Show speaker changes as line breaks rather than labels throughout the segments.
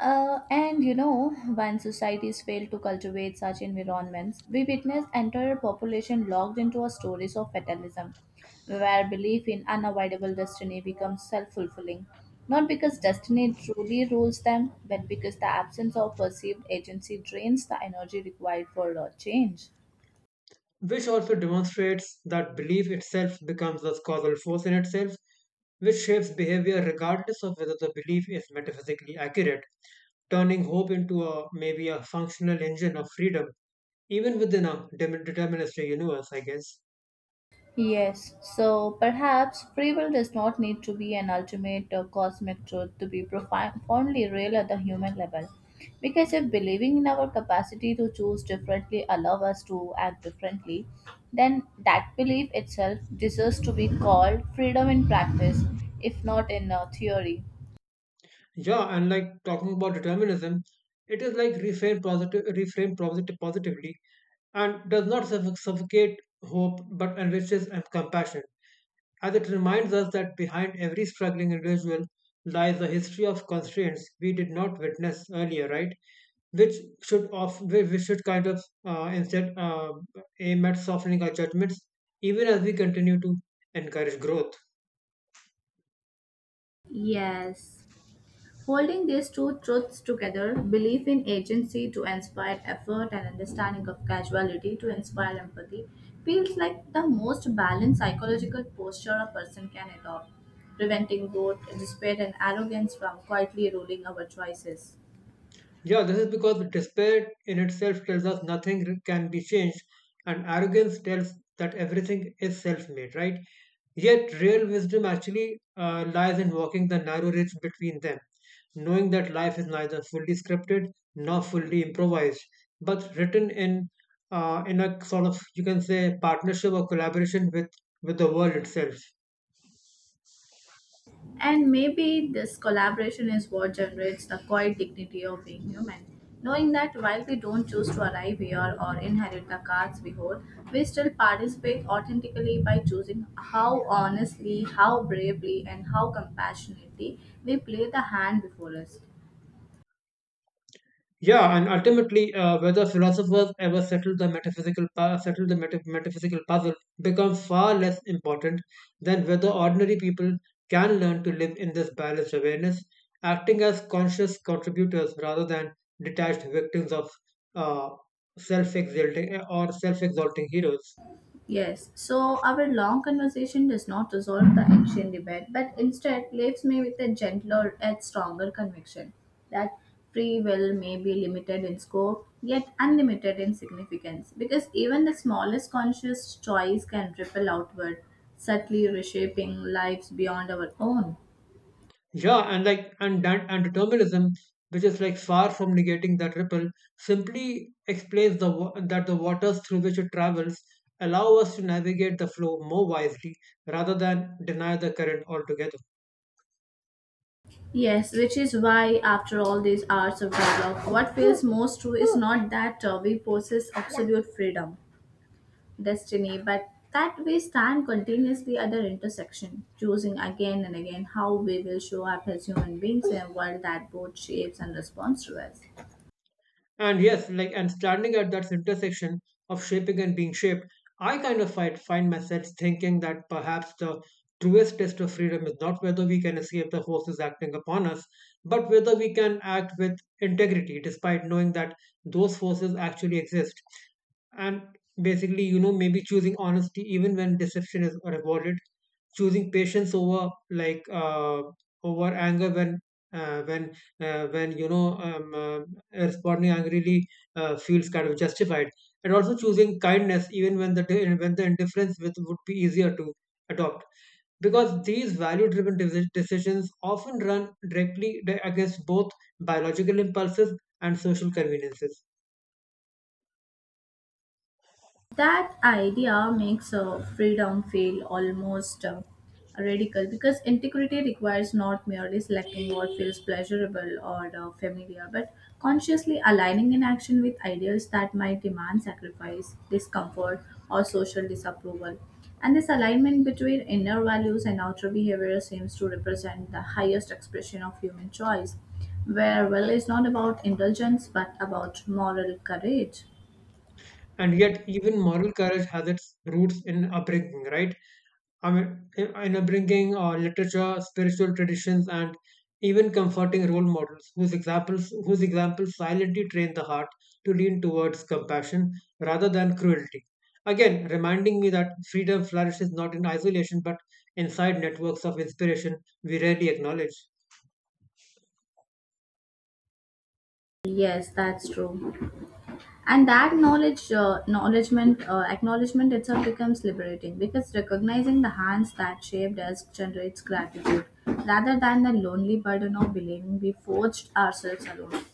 When societies fail to cultivate such environments, we witness entire population locked into a stories of fatalism, where belief in unavoidable destiny becomes self-fulfilling, not because destiny truly rules them, but because the absence of perceived agency drains the energy required for change.
Which also demonstrates that belief itself becomes a causal force in itself, which shapes behavior regardless of whether the belief is metaphysically accurate, turning hope into a maybe a functional engine of freedom, even within a deterministic universe, I guess.
Yes, so perhaps free will does not need to be an ultimate or cosmic truth to be profoundly real at the human level. Because if believing in our capacity to choose differently allows us to act differently, then that belief itself deserves to be called freedom in practice, if not in theory.
Yeah, and like talking about determinism, it is like reframed positive, reframed positively, and does not suffocate hope, but enriches and compassion as it reminds us that behind every struggling individual lies a history of constraints we did not witness earlier, right? Which should of we should kind of instead, aim at softening our judgments, even as we continue to encourage growth.
Yes, holding these two truths together, belief in agency to inspire effort and understanding of causality to inspire empathy, feels like the most balanced psychological posture a person can adopt, preventing both despair and arrogance from quietly ruling our choices.
Yeah, this is because despair in itself tells us nothing re- can be changed, and arrogance tells that everything is self made, right? Yet, real wisdom actually lies in walking the narrow ridge between them, knowing that life is neither fully scripted nor fully improvised, but written in, in a sort of, you can say, partnership or collaboration with the world itself.
And maybe this collaboration is what generates the quiet dignity of being human. Knowing that while we don't choose to arrive here or inherit the cards we hold, we still participate authentically by choosing how honestly, how bravely, and how compassionately we play the hand before us.
Yeah, and ultimately, whether philosophers ever settle the metaphysical pu- settle the meta- metaphysical puzzle becomes far less important than whether ordinary people can learn to live in this balanced awareness, acting as conscious contributors rather than detached victims of, uh, self-exalting heroes.
Yes, so our long conversation does not resolve the ancient debate, but instead leaves me with a gentler and stronger conviction that free will may be limited in scope, yet unlimited in significance, because even the smallest conscious choice can ripple outward, subtly reshaping lives beyond our own.
Yeah, and like and that and determinism, which is like far from negating that ripple, simply explains that the waters through which it travels allow us to navigate the flow more wisely rather than deny the current altogether.
Yes, which is why, after all these hours of dialogue, what feels most true is not that we possess absolute freedom destiny, but that we stand continuously at their intersection, choosing again and again how we will show up as human beings in a world that both shapes and responds to us.
And yes, like and standing at that intersection of shaping and being shaped, I kind of find myself thinking that perhaps the truest test of freedom is not whether we can escape the forces acting upon us, but whether we can act with integrity despite knowing that those forces actually exist. And basically, you know, maybe choosing honesty even when deception is rewarded, choosing patience over like, over anger when, uh, when uh, when you know um, uh, responding angrily, feels kind of justified, and also choosing kindness even when the indifference with would be easier to adopt. Because these decisions often run against both biological impulses and social conveniences.
That idea makes freedom feel almost radical because integrity requires not merely selecting what feels pleasurable or familiar, but consciously aligning an action with ideals that might demand sacrifice, discomfort, or social disapproval. And this alignment between inner values and outer behavior seems to represent the highest expression of human choice, where will is not about indulgence but about moral courage.
And yet, even moral courage has its roots in upbringing, right? I mean, in upbringing, literature, spiritual traditions, and even comforting role models whose examples silently train the heart to lean towards compassion rather than cruelty. Again, reminding me that freedom flourishes not in isolation but inside networks of inspiration we rarely acknowledge.
Yes, that's true. And that knowledge, acknowledgement itself becomes liberating because recognizing the hands that shaped us generates gratitude rather than the lonely burden of believing we forged ourselves alone,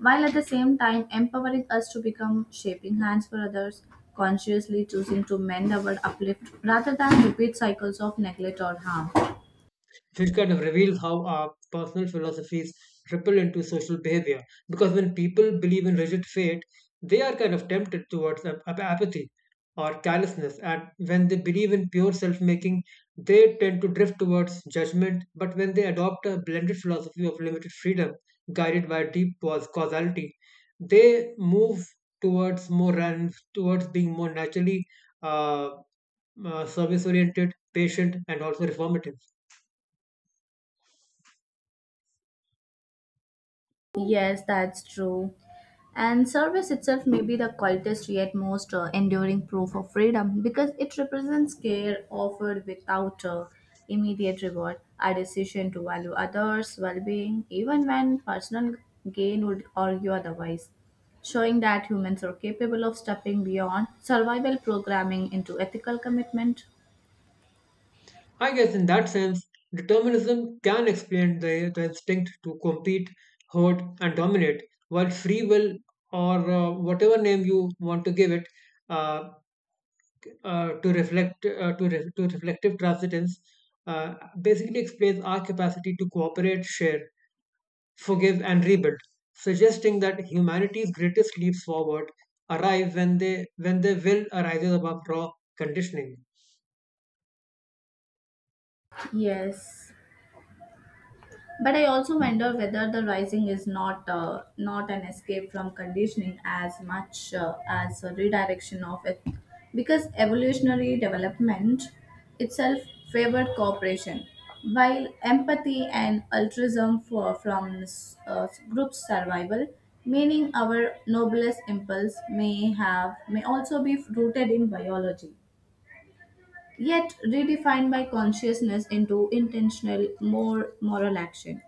while at the same time empowering us to become shaping hands for others, consciously choosing to mend our uplift rather than repeat cycles of neglect or harm.
Which kind of reveals how our personal philosophies ripple into social behavior. Because when people believe in rigid fate, they are kind of tempted towards apathy or carelessness. And when they believe in pure self making, they tend to drift towards judgment. But when they adopt a blended philosophy of limited freedom, guided by causality, they move towards being more naturally, uh, service oriented, patient, and also reformative.
Yes, that's true. And service itself may be the quietest yet most enduring proof of freedom because it represents care offered without immediate reward, a decision to value others' well being, even when personal gain would argue otherwise, showing that humans are capable of stepping beyond survival programming into ethical commitment.
I guess in that sense, determinism can explain the instinct to compete, hoard, and dominate, while free will, or whatever name you want to give it, uh, to reflect to, re- to reflective transcendence, uh, basically explains our capacity to cooperate, share, forgive, and rebuild, suggesting that humanity's greatest leaps forward arrive when their will arises above raw conditioning.
Yes. But I also wonder whether the rising is not an escape from conditioning as much as a redirection of it, because evolutionary development itself favored cooperation, while empathy and altruism for from group survival, meaning our noblest impulse may have may also be rooted in biology, yet redefined by consciousness into intentional, more moral action.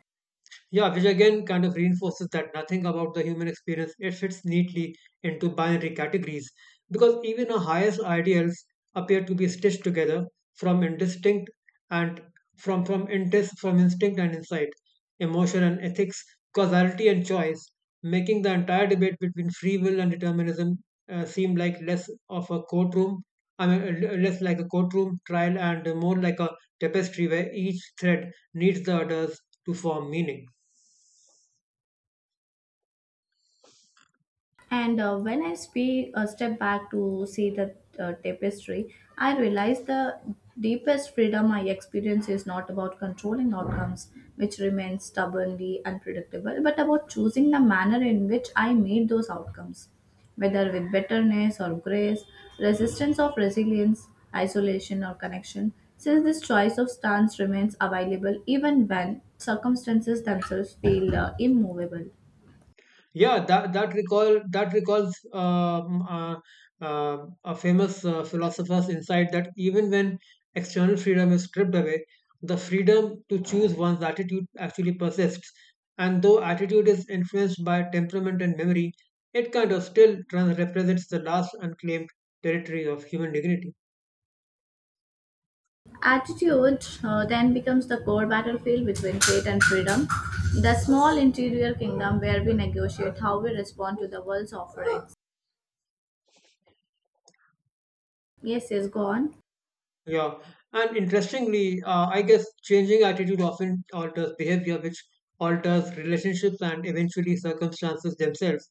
Yeah, which again kind of reinforces that nothing about the human experience it fits neatly into binary categories because even our highest ideals appear to be stitched together from indistinct and from intis, from instinct and insight, emotion and ethics, causality and choice, making the entire debate between free will and determinism seem like less of a courtroom. I mean, less like a courtroom trial and more like a tapestry where each thread needs the others to form meaning.
And when I step back to see the tapestry, I realize the deepest freedom I experience is not about controlling outcomes, which remain stubbornly unpredictable, but about choosing the manner in which I meet those outcomes, whether with bitterness or grace, resistance or resilience, isolation or connection, since this choice of stance remains available even when circumstances themselves feel immovable.
Yeah, that recalls, uh, a famous, philosopher's insight that even when external freedom is stripped away, the freedom to choose one's attitude actually persists. And though attitude is influenced by temperament and memory, it kind of still represents the last unclaimed territory of human dignity.
Attitude then becomes the core battlefield between fate and freedom, the small interior kingdom where we negotiate how we respond to the world's offerings. Yes, is gone,
Yeah, and interestingly, I guess changing attitude often alters behavior, which alters relationships and eventually circumstances themselves,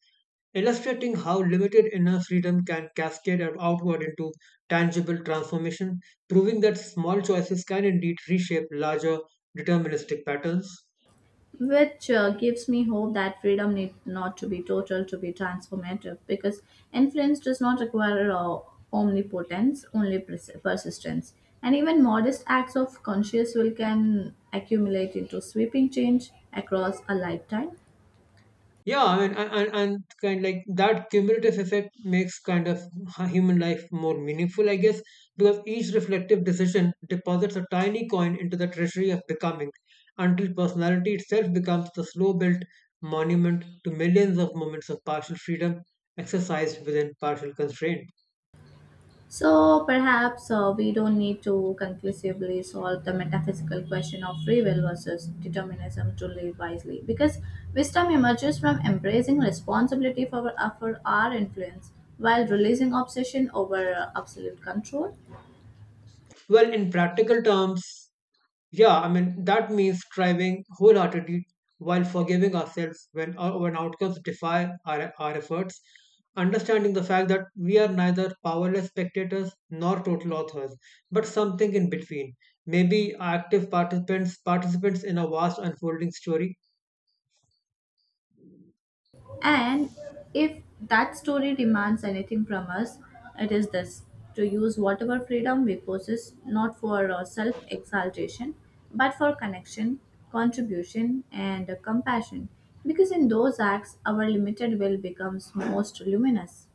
illustrating how limited inner freedom can cascade outward into tangible transformation, proving that small choices can indeed reshape larger deterministic patterns.
which gives me hope that freedom need not to be total to be transformative, because influence does not require omnipotence, only persistence. And even modest acts of conscious will can accumulate into sweeping change across a lifetime.
Yeah, and kind of like that cumulative effect makes kind of human life more meaningful, I guess, because each reflective decision deposits a tiny coin into the treasury of becoming, until personality itself becomes the slow-built monument to millions of moments of partial freedom exercised within partial constraint.
So perhaps we don't need to conclusively solve the metaphysical question of free will versus determinism to live wisely, because wisdom emerges from embracing responsibility for our influence while releasing obsession over absolute control.
Well, in practical terms, yeah, I mean, that means striving wholeheartedly while forgiving ourselves when outcomes defy our efforts, understanding the fact that we are neither powerless spectators nor total authors, but something in between. Maybe active participants in a vast unfolding story.
And if that story demands anything from us, it is this: to use whatever freedom we possess not for self exaltation but for connection, contribution, and compassion. Because in those acts, our limited will becomes most luminous.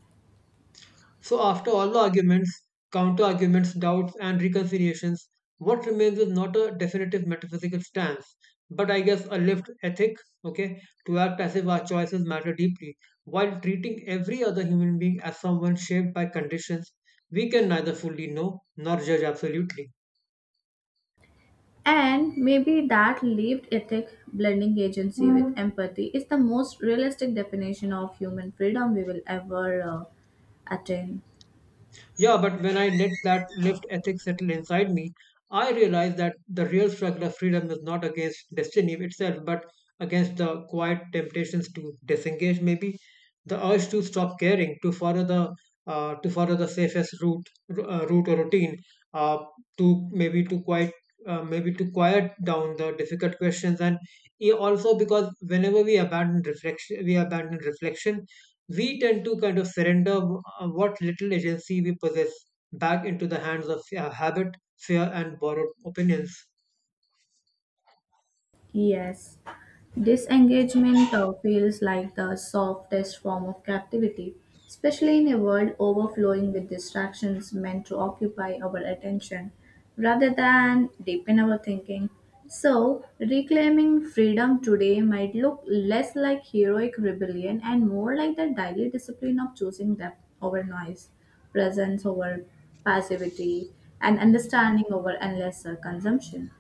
So, after all the arguments, counter arguments, doubts, and reconciliations, what remains is not a definitive metaphysical stance, but I guess a lived ethic, okay, to act as if our choices matter deeply, while treating every other human being as someone shaped by conditions we can neither fully know nor judge absolutely.
And maybe that lived ethic, blending agency with empathy, is the most realistic definition of human freedom we will ever attain.
Yeah, but when I let that lift ethic settle inside me, I realized that the real struggle of freedom is not against destiny itself, but against the quiet temptations to disengage, maybe the urge to stop caring, to follow the safest route or routine, uh, to maybe to quiet down the difficult questions, and also because whenever we abandon reflection we tend to kind of surrender, what little agency we possess back into the hands of, habit, fear, and borrowed opinions.
Yes, disengagement feels like the softest form of captivity, especially in a world overflowing with distractions meant to occupy our attention rather than deepen our thinking. So, reclaiming freedom today might look less like heroic rebellion and more like the daily discipline of choosing depth over noise, presence over passivity, and understanding over endless consumption.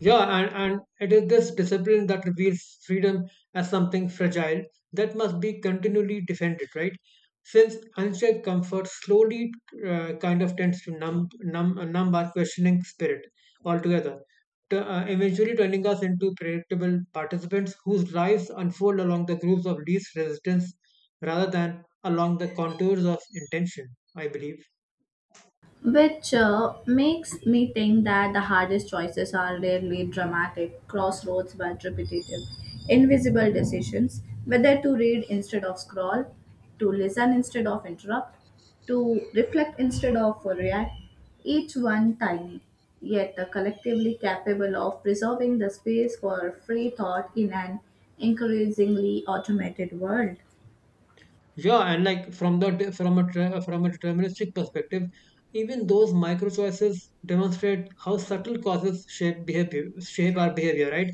Yeah, and it is this discipline that reveals freedom as something fragile that must be continually defended, right? Since unchecked comfort slowly, kind of tends to numb our questioning spirit altogether, eventually turning us into predictable participants whose lives unfold along the grooves of least resistance rather than along the contours of intention, I believe.
Which makes me think that the hardest choices are rarely dramatic crossroads but repetitive, invisible decisions: whether to read instead of scroll, to listen instead of interrupt, to reflect instead of react, each one tiny, yet collectively capable of preserving the space for free thought in an increasingly automated world.
Yeah, and like from the from a tra- from a deterministic perspective, even those micro choices demonstrate how subtle causes shape our behavior, right?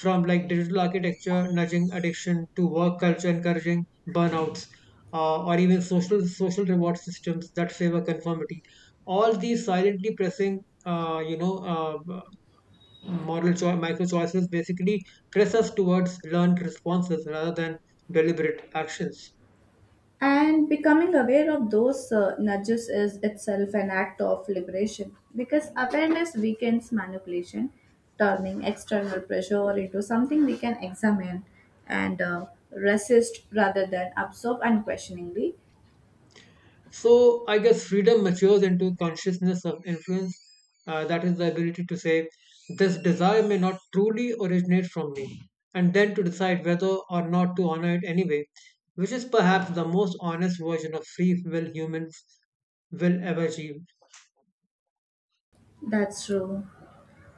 From like digital architecture nudging addiction to work culture encouraging burnouts, or even social reward systems that favor conformity. All these silently pressing, micro choices basically press us towards learned responses rather than deliberate actions.
And becoming aware of those nudges is itself an act of liberation because awareness weakens manipulation, turning external pressure into something we can examine and resist rather than absorb unquestioningly.
So I guess freedom matures into consciousness of influence. That is the ability to say, this desire may not truly originate from me, and then to decide whether or not to honor it anyway, which is perhaps the most honest version of free will humans will ever achieve.
That's true.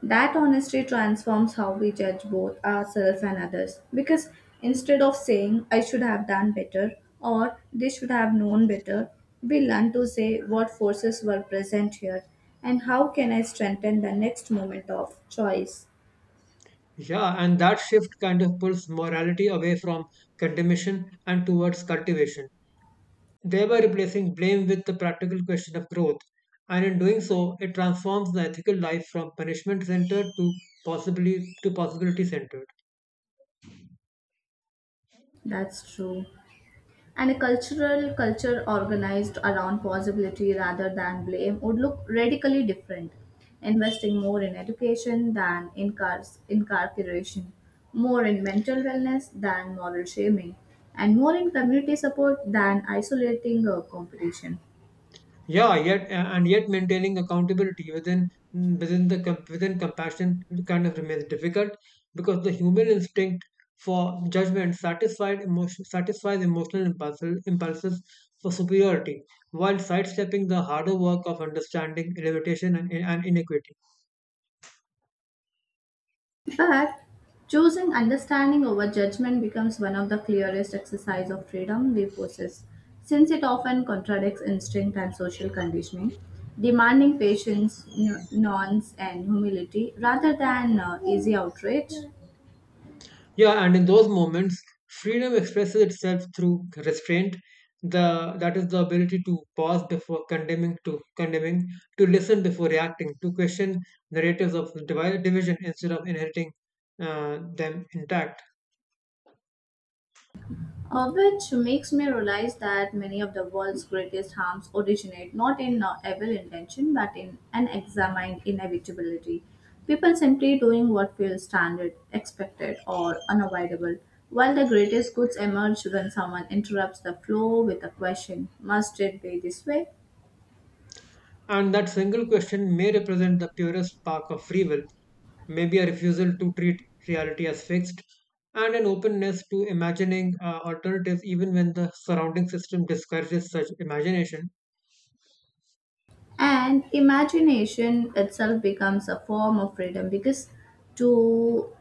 That honesty transforms how we judge both ourselves and others, because instead of saying, "I should have done better" or "they should have known better," we learn to say what forces were present here and how can I strengthen the next moment of choice.
Yeah, and that shift kind of pulls morality away from condemnation and towards cultivation, thereby replacing blame with the practical question of growth. And in doing so, it transforms the ethical life from punishment centered to possibly to possibility centered.
That's true. And a cultural culture organized around possibility rather than blame would look radically different, investing more in education than in cars incarceration, more in mental wellness than moral shaming, and more in community support than isolating competition.
Yeah, yet and yet maintaining accountability within compassion kind of remains difficult because the human instinct for judgment satisfied emotion satisfies emotional impulses for superiority while sidestepping the harder work of understanding elevation and inequity.
In fact, choosing understanding over judgment becomes one of the clearest exercise of freedom we possess, since it often contradicts instinct and social conditioning, demanding patience, nuance, and humility rather than easy outrage.
Yeah, and in those moments, freedom expresses itself through restraint. The that is the ability to pause before condemning, to listen before reacting, to question narratives of division instead of inheriting, them intact.
Which makes me realize that many of the world's greatest harms originate not in evil intention but in unexamined inevitability. People simply doing what feels standard, expected, or unavoidable, while the greatest goods emerge when someone interrupts the flow with a question: must it be this way?
And that single question may represent the purest spark of free will, maybe a refusal to treat reality as fixed, and an openness to imagining, alternatives even when the surrounding system discourages such imagination.
And imagination itself becomes a form of freedom, because to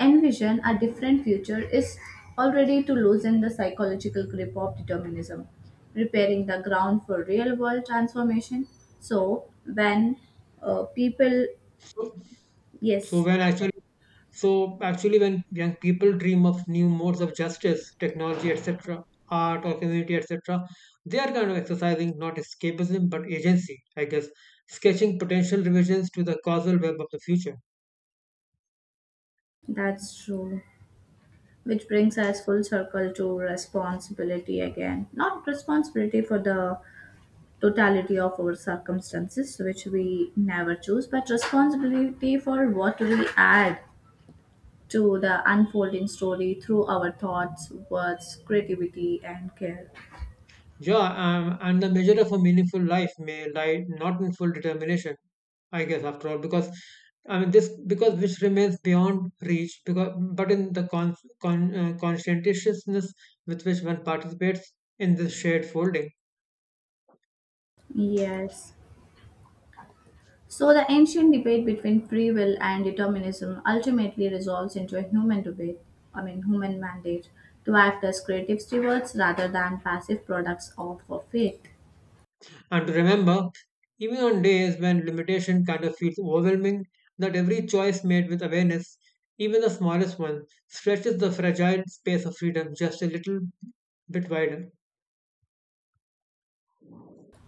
envision a different future is already to loosen the psychological grip of determinism, preparing the ground for real world transformation. So when people
So, So
yes
when actually, so actually, when young people dream of new modes of justice, technology, etc., art or community, etc., they are kind of exercising not escapism but agency, I guess, sketching potential revisions to the causal web of the future.
that's true, which brings us full circle to responsibility again, not responsibility for the totality of our circumstances, which we never choose, but responsibility for what we add to the unfolding story through our thoughts, words, creativity, and care.
Yeah, and the measure of a meaningful life may lie not in full determination, I guess, after all, because I mean this because which remains beyond reach, because but in the conscientiousness with which one participates in this shared folding,
Yes. So, the ancient debate between free will and determinism ultimately resolves into a human debate, I mean, human mandate to act as creative stewards rather than passive products of fate.
and to remember, even on days when limitation kind of feels overwhelming, that every choice made with awareness, even the smallest one, stretches the fragile space of freedom just a little bit wider.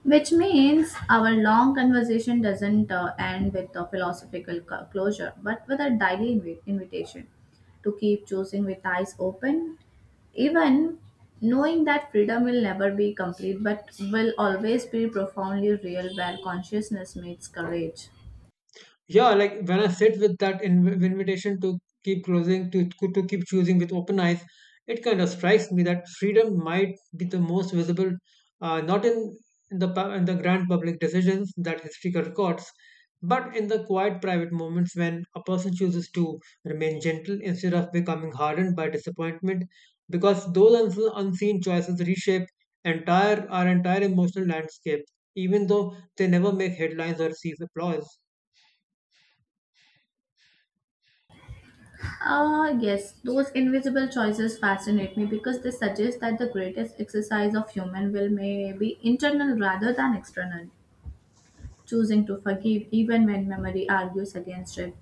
Which means our long conversation doesn't end with a philosophical closure, but with a daily invitation to keep choosing with eyes open, even knowing that freedom will never be complete but will always be profoundly real where consciousness meets courage.
Yeah, like when I sit with that invitation to keep closing to keep choosing with open eyes, it kind of strikes me that freedom might be the most visible, not in the in the grand public decisions that history records, but in the quiet private moments when a person chooses to remain gentle instead of becoming hardened by disappointment, because those unseen choices reshape entire our entire emotional landscape, even though they never make headlines or receive applause.
Ah, yes, those invisible choices fascinate me because they suggest that the greatest exercise of human will may be internal rather than external: choosing to forgive even when memory argues against it,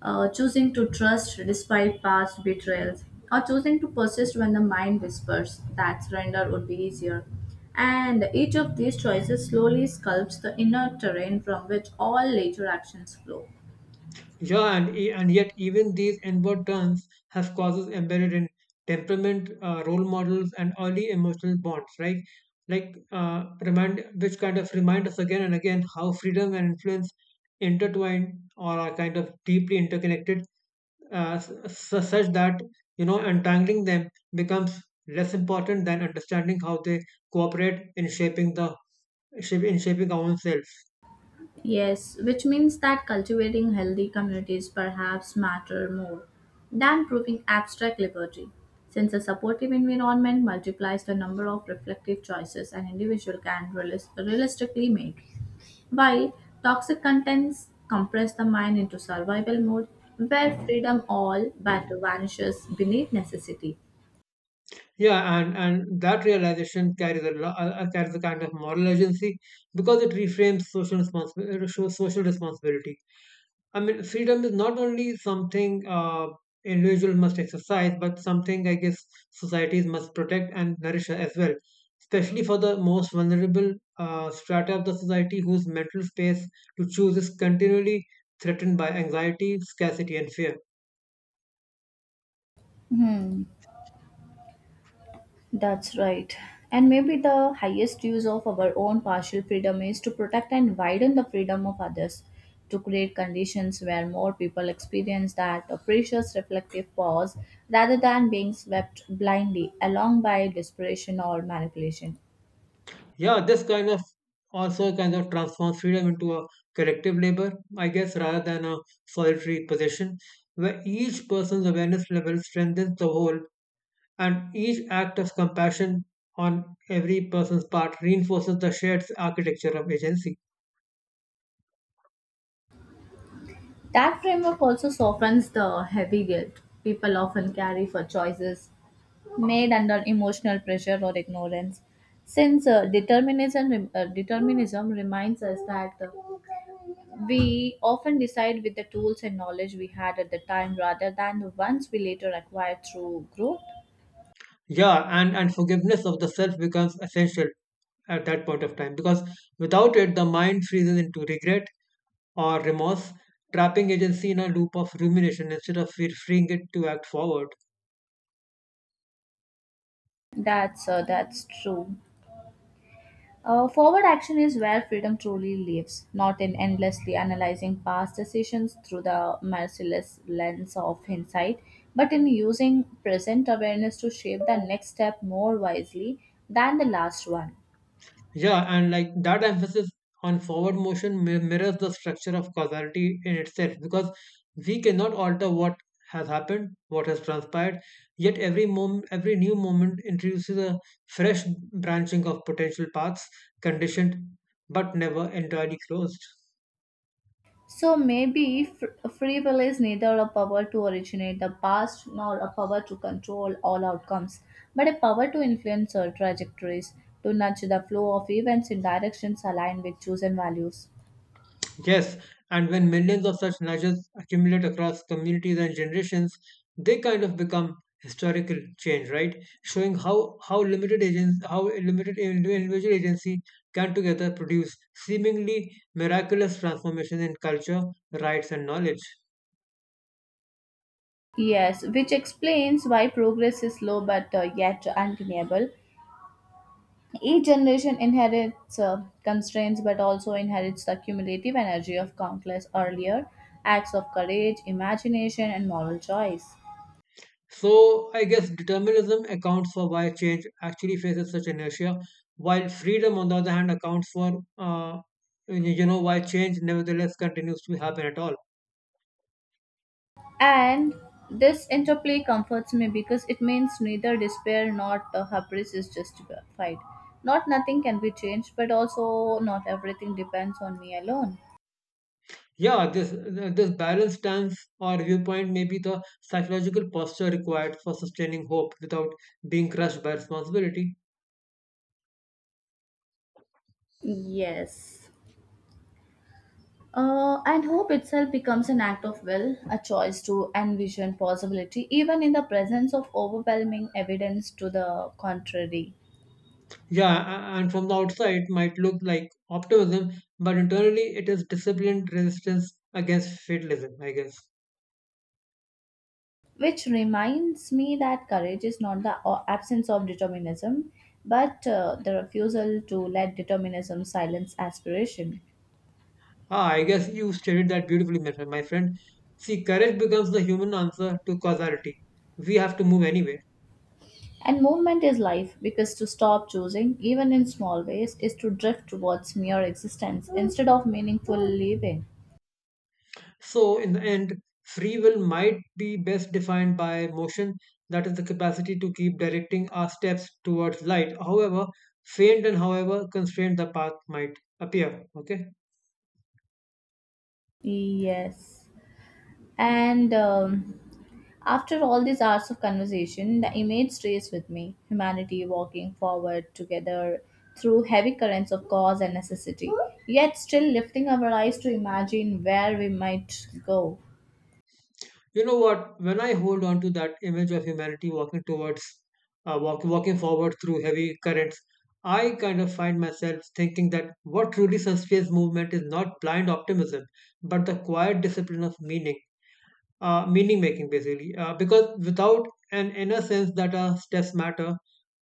choosing to trust despite past betrayals, or choosing to persist when the mind whispers that surrender would be easier. And each of these choices slowly sculpts the inner terrain from which all later actions flow.
Yeah, and yet even these inward turns have causes embedded in temperament, role models, and early emotional bonds, right? Like which kind of remind us again and again how freedom and influence intertwine, or are kind of deeply interconnected, such that, you know, untangling them becomes less important than understanding how they cooperate in shaping the shape in shaping our own self.
Yes, which means that cultivating healthy communities perhaps matter more than proving abstract liberty, since a supportive environment multiplies the number of reflective choices an individual can realistically make, while toxic contents compress the mind into survival mode where freedom all but vanishes beneath necessity.
Yeah, and that realization carries a carries a kind of moral agency because it reframes social responsibility. Social responsibility. I mean, freedom is not only something individual must exercise, but something, I guess, societies must protect and nourish as well, especially for the most vulnerable, strata of the society whose mental space to choose is continually threatened by anxiety, scarcity, and fear.
Hmm. That's right. And maybe the highest use of our own partial freedom is to protect and widen the freedom of others, to create conditions where more people experience that precious reflective pause rather than being swept blindly along by desperation or manipulation.
Yeah, this kind of also kind of transforms freedom into a collective labor, I guess, rather than a solitary possession, where each person's awareness level strengthens the whole, and each act of compassion on every person's part reinforces the shared architecture of agency.
That framework also softens the heavy guilt people often carry for choices made under emotional pressure or ignorance. Since determinism reminds us that we often decide with the tools and knowledge we had at the time rather than the ones we later acquire through growth.
Yeah, and forgiveness of the self becomes essential at that point of time, because without it, the mind freezes into regret or remorse, trapping agency in a loop of rumination instead of freeing it to act forward.
That's true. Forward action is where freedom truly lives, not in endlessly analyzing past decisions through the merciless lens of hindsight, but in using present awareness to shape the next step more wisely than the last one.
Yeah, and like that emphasis on forward motion mirrors the structure of causality in itself, because we cannot alter what has happened, what has transpired, yet every moment, every new moment introduces a fresh branching of potential paths, conditioned but never entirely closed.
So maybe free will is neither a power to originate the past nor a power to control all outcomes, but a power to influence our trajectories, to nudge the flow of events in directions aligned with chosen values.
Yes, and when millions of such nudges accumulate across communities and generations, they kind of become historical change, right? Showing how limited agents, how limited individual agency can together produce seemingly miraculous transformation in culture, rights, and knowledge.
Yes, which explains why progress is slow but yet undeniable. Each generation inherits constraints but also inherits the cumulative energy of countless earlier acts of courage, imagination, and moral choice.
So I guess determinism accounts for why change actually faces such inertia, while freedom, on the other hand, accounts for, you know, why change nevertheless continues to happen at all.
And this interplay comforts me because it means neither despair nor hubris is justified. Not nothing can be changed, but also not everything depends on me alone.
Yeah, this balanced stance or viewpoint may be the psychological posture required for sustaining hope without being crushed by responsibility.
Yes. And hope itself becomes an act of will, a choice to envision possibility, even in the presence of overwhelming evidence to the contrary.
Yeah, and from the outside it might look like optimism, but internally it is disciplined resistance against fatalism, I guess.
Which reminds me that courage is not the absence of determinism, but the refusal to let determinism silence aspiration.
Ah, I guess you stated that beautifully, my friend. My friend. See, courage becomes the human answer to causality. We have to move anyway.
And movement is life, because to stop choosing, even in small ways, is to drift towards mere existence instead of meaningful living.
So, in the end, free will might be best defined by motion, that is, the capacity to keep directing our steps towards light, however faint and however constrained the path might appear. Okay,
Yes. And after all these hours of conversation, the image stays with me: humanity walking forward together through heavy currents of cause and necessity, yet still lifting our eyes to imagine where we might go.
you know what? When I hold on to that image of humanity walking towards, walking forward through heavy currents, I kind of find myself thinking that what truly sustains movement is not blind optimism, but the quiet discipline of meaning, meaning making basically, because without an inner sense that our steps matter,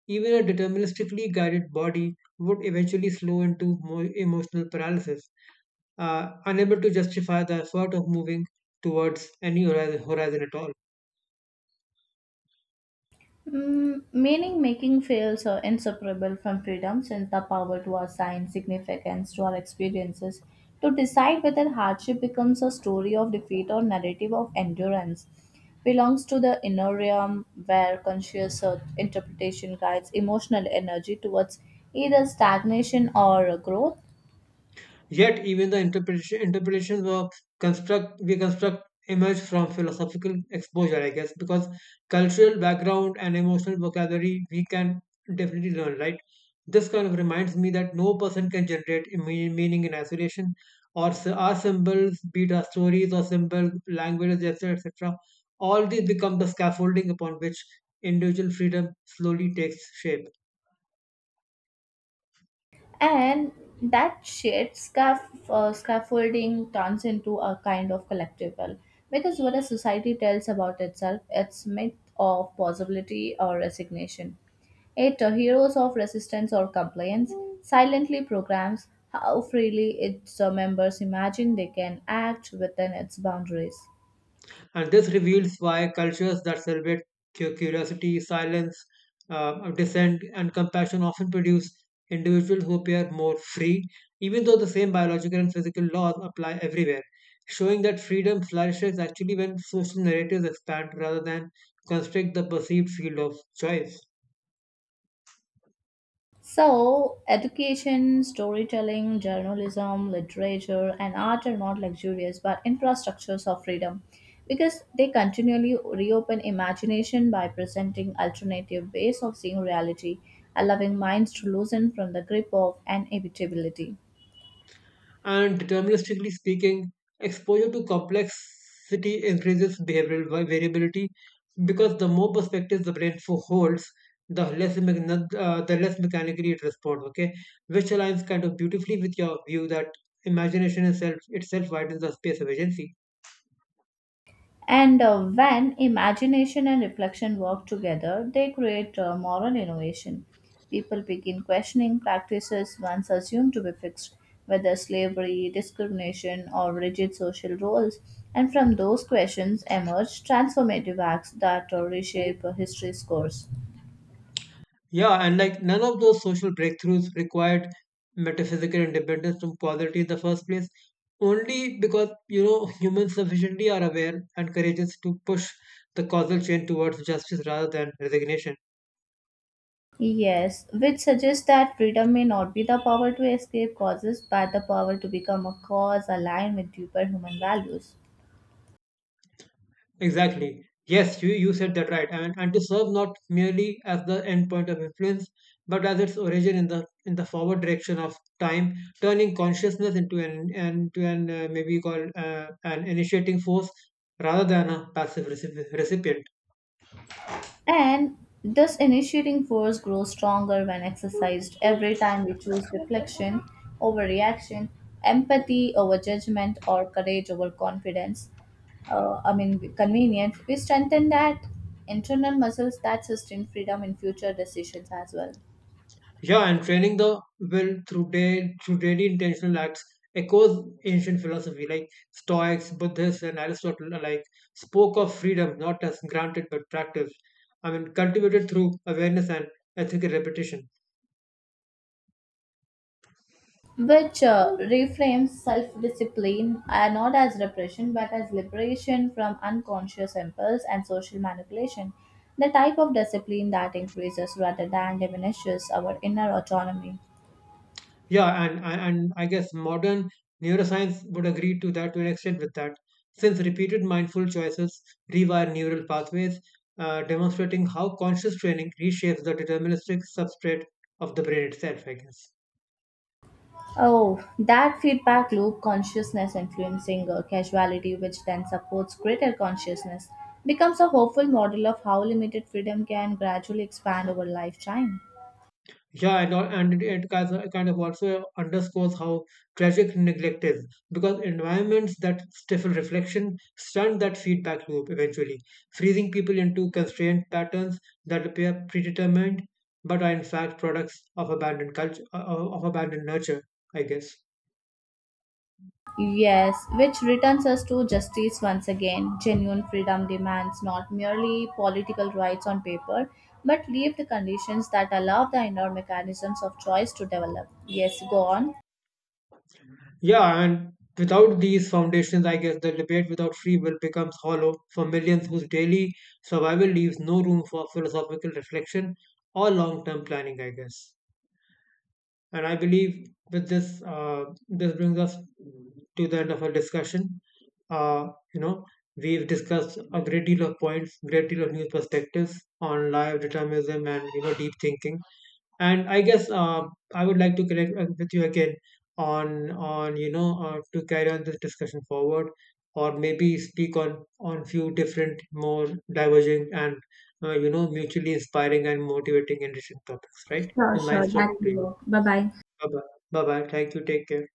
even a deterministically guided body would eventually slow into more emotional paralysis, unable to justify the effort of moving towards any horizon at all.
Mm, meaning making fails are inseparable from freedom since the power to assign significance to our experiences, to decide whether hardship becomes a story of defeat or narrative of endurance, belongs to the inner realm where conscious interpretation guides emotional energy towards either stagnation or growth,
Yet, even the interpretations of construct we construct emerge from philosophical exposure, I guess, because cultural background and emotional vocabulary we can definitely learn, right? This kind of reminds me that no person can generate a meaning in isolation, or our symbols, be it our stories or symbols, languages, etc., etc. All these become the scaffolding upon which individual freedom slowly takes shape.
and that shared scaffolding turns into a kind of collectible because what a society tells about itself, its myth of possibility or resignation, it heroes of resistance or compliance, silently programs how freely its members imagine they can act within its boundaries.
And this reveals why cultures that celebrate curiosity, silence, dissent, and compassion often produce individuals who appear more free, even though the same biological and physical laws apply everywhere, showing that freedom flourishes actually when social narratives expand rather than constrict the perceived field of choice.
So, education, storytelling, journalism, literature, and art are not luxurious but infrastructures of freedom, because they continually reopen imagination by presenting alternative ways of seeing reality, allowing minds to loosen from the grip of inevitability.
And deterministically speaking, exposure to complexity increases behavioral variability, because the more perspectives the brain holds, the the less mechanically it responds. Okay, which aligns kind of beautifully with your view that imagination itself widens the space of agency.
And when imagination and reflection work together, they create moral innovation. People begin questioning practices once assumed to be fixed, whether slavery, discrimination, or rigid social roles. And from those questions emerge transformative acts that reshape history's course.
Yeah, and like none of those social breakthroughs required metaphysical independence from poverty in the first place, only because, you know, humans sufficiently are aware and courageous to push the causal chain towards justice rather than resignation.
Yes, which suggests that freedom may not be the power to escape causes, but the power to become a cause aligned with deeper human values.
Exactly. Yes, you said that right. And to serve not merely as the end point of influence, but as its origin in the forward direction of time, turning consciousness into an maybe called an initiating force rather than a passive recipient.
And this initiating force grows stronger when exercised every time we choose reflection over reaction, empathy over judgment, or courage over confidence. I mean, convenience. We strengthen that internal muscles that sustain freedom in future decisions as well.
Yeah, and training the will through day through daily intentional acts echoes ancient philosophy, like Stoics, Buddhists, and Aristotle alike spoke of freedom not as granted but practiced. I mean, cultivated through awareness and ethical repetition.
Which uh, reframes self discipline not as repression but as liberation from unconscious impulse and social manipulation, the type of discipline that increases rather than diminishes our inner autonomy.
Yeah, and I guess modern neuroscience would agree to that to an extent with that, since repeated mindful choices rewire neural pathways, demonstrating how conscious training reshapes the deterministic substrate of the brain itself, I guess.
Oh, that feedback loop, consciousness influencing casuality, which then supports greater consciousness, becomes a hopeful model of how limited freedom can gradually expand over lifetime.
Yeah, and it kind of also underscores how tragic neglect is, because environments that stifle reflection stunt that feedback loop eventually, freezing people into constrained patterns that appear predetermined but are in fact products of abandoned culture, of abandoned nurture, I guess.
Yes, which returns us to justice once again. Genuine freedom demands not merely political rights on paper, but lived conditions that allow the inner mechanisms of choice to develop. Yes, go on.
Yeah, and without these foundations, I guess the debate without free will becomes hollow for millions whose daily survival leaves no room for philosophical reflection or long term planning, I guess. And I believe with this, this brings us to the end of our discussion. You know, we've discussed a great deal of points, great deal of new perspectives on live determinism and, you know, deep thinking. And I guess, I would like to connect with you again on you know, to carry on this discussion forward, or maybe speak on few different, more diverging and, you know, mutually inspiring and motivating and interesting topics. Right? It
Sure,
was
sure,
nice
that
talking to
will
you.
work. Bye bye.
Bye bye. Bye bye. Thank you. Take care.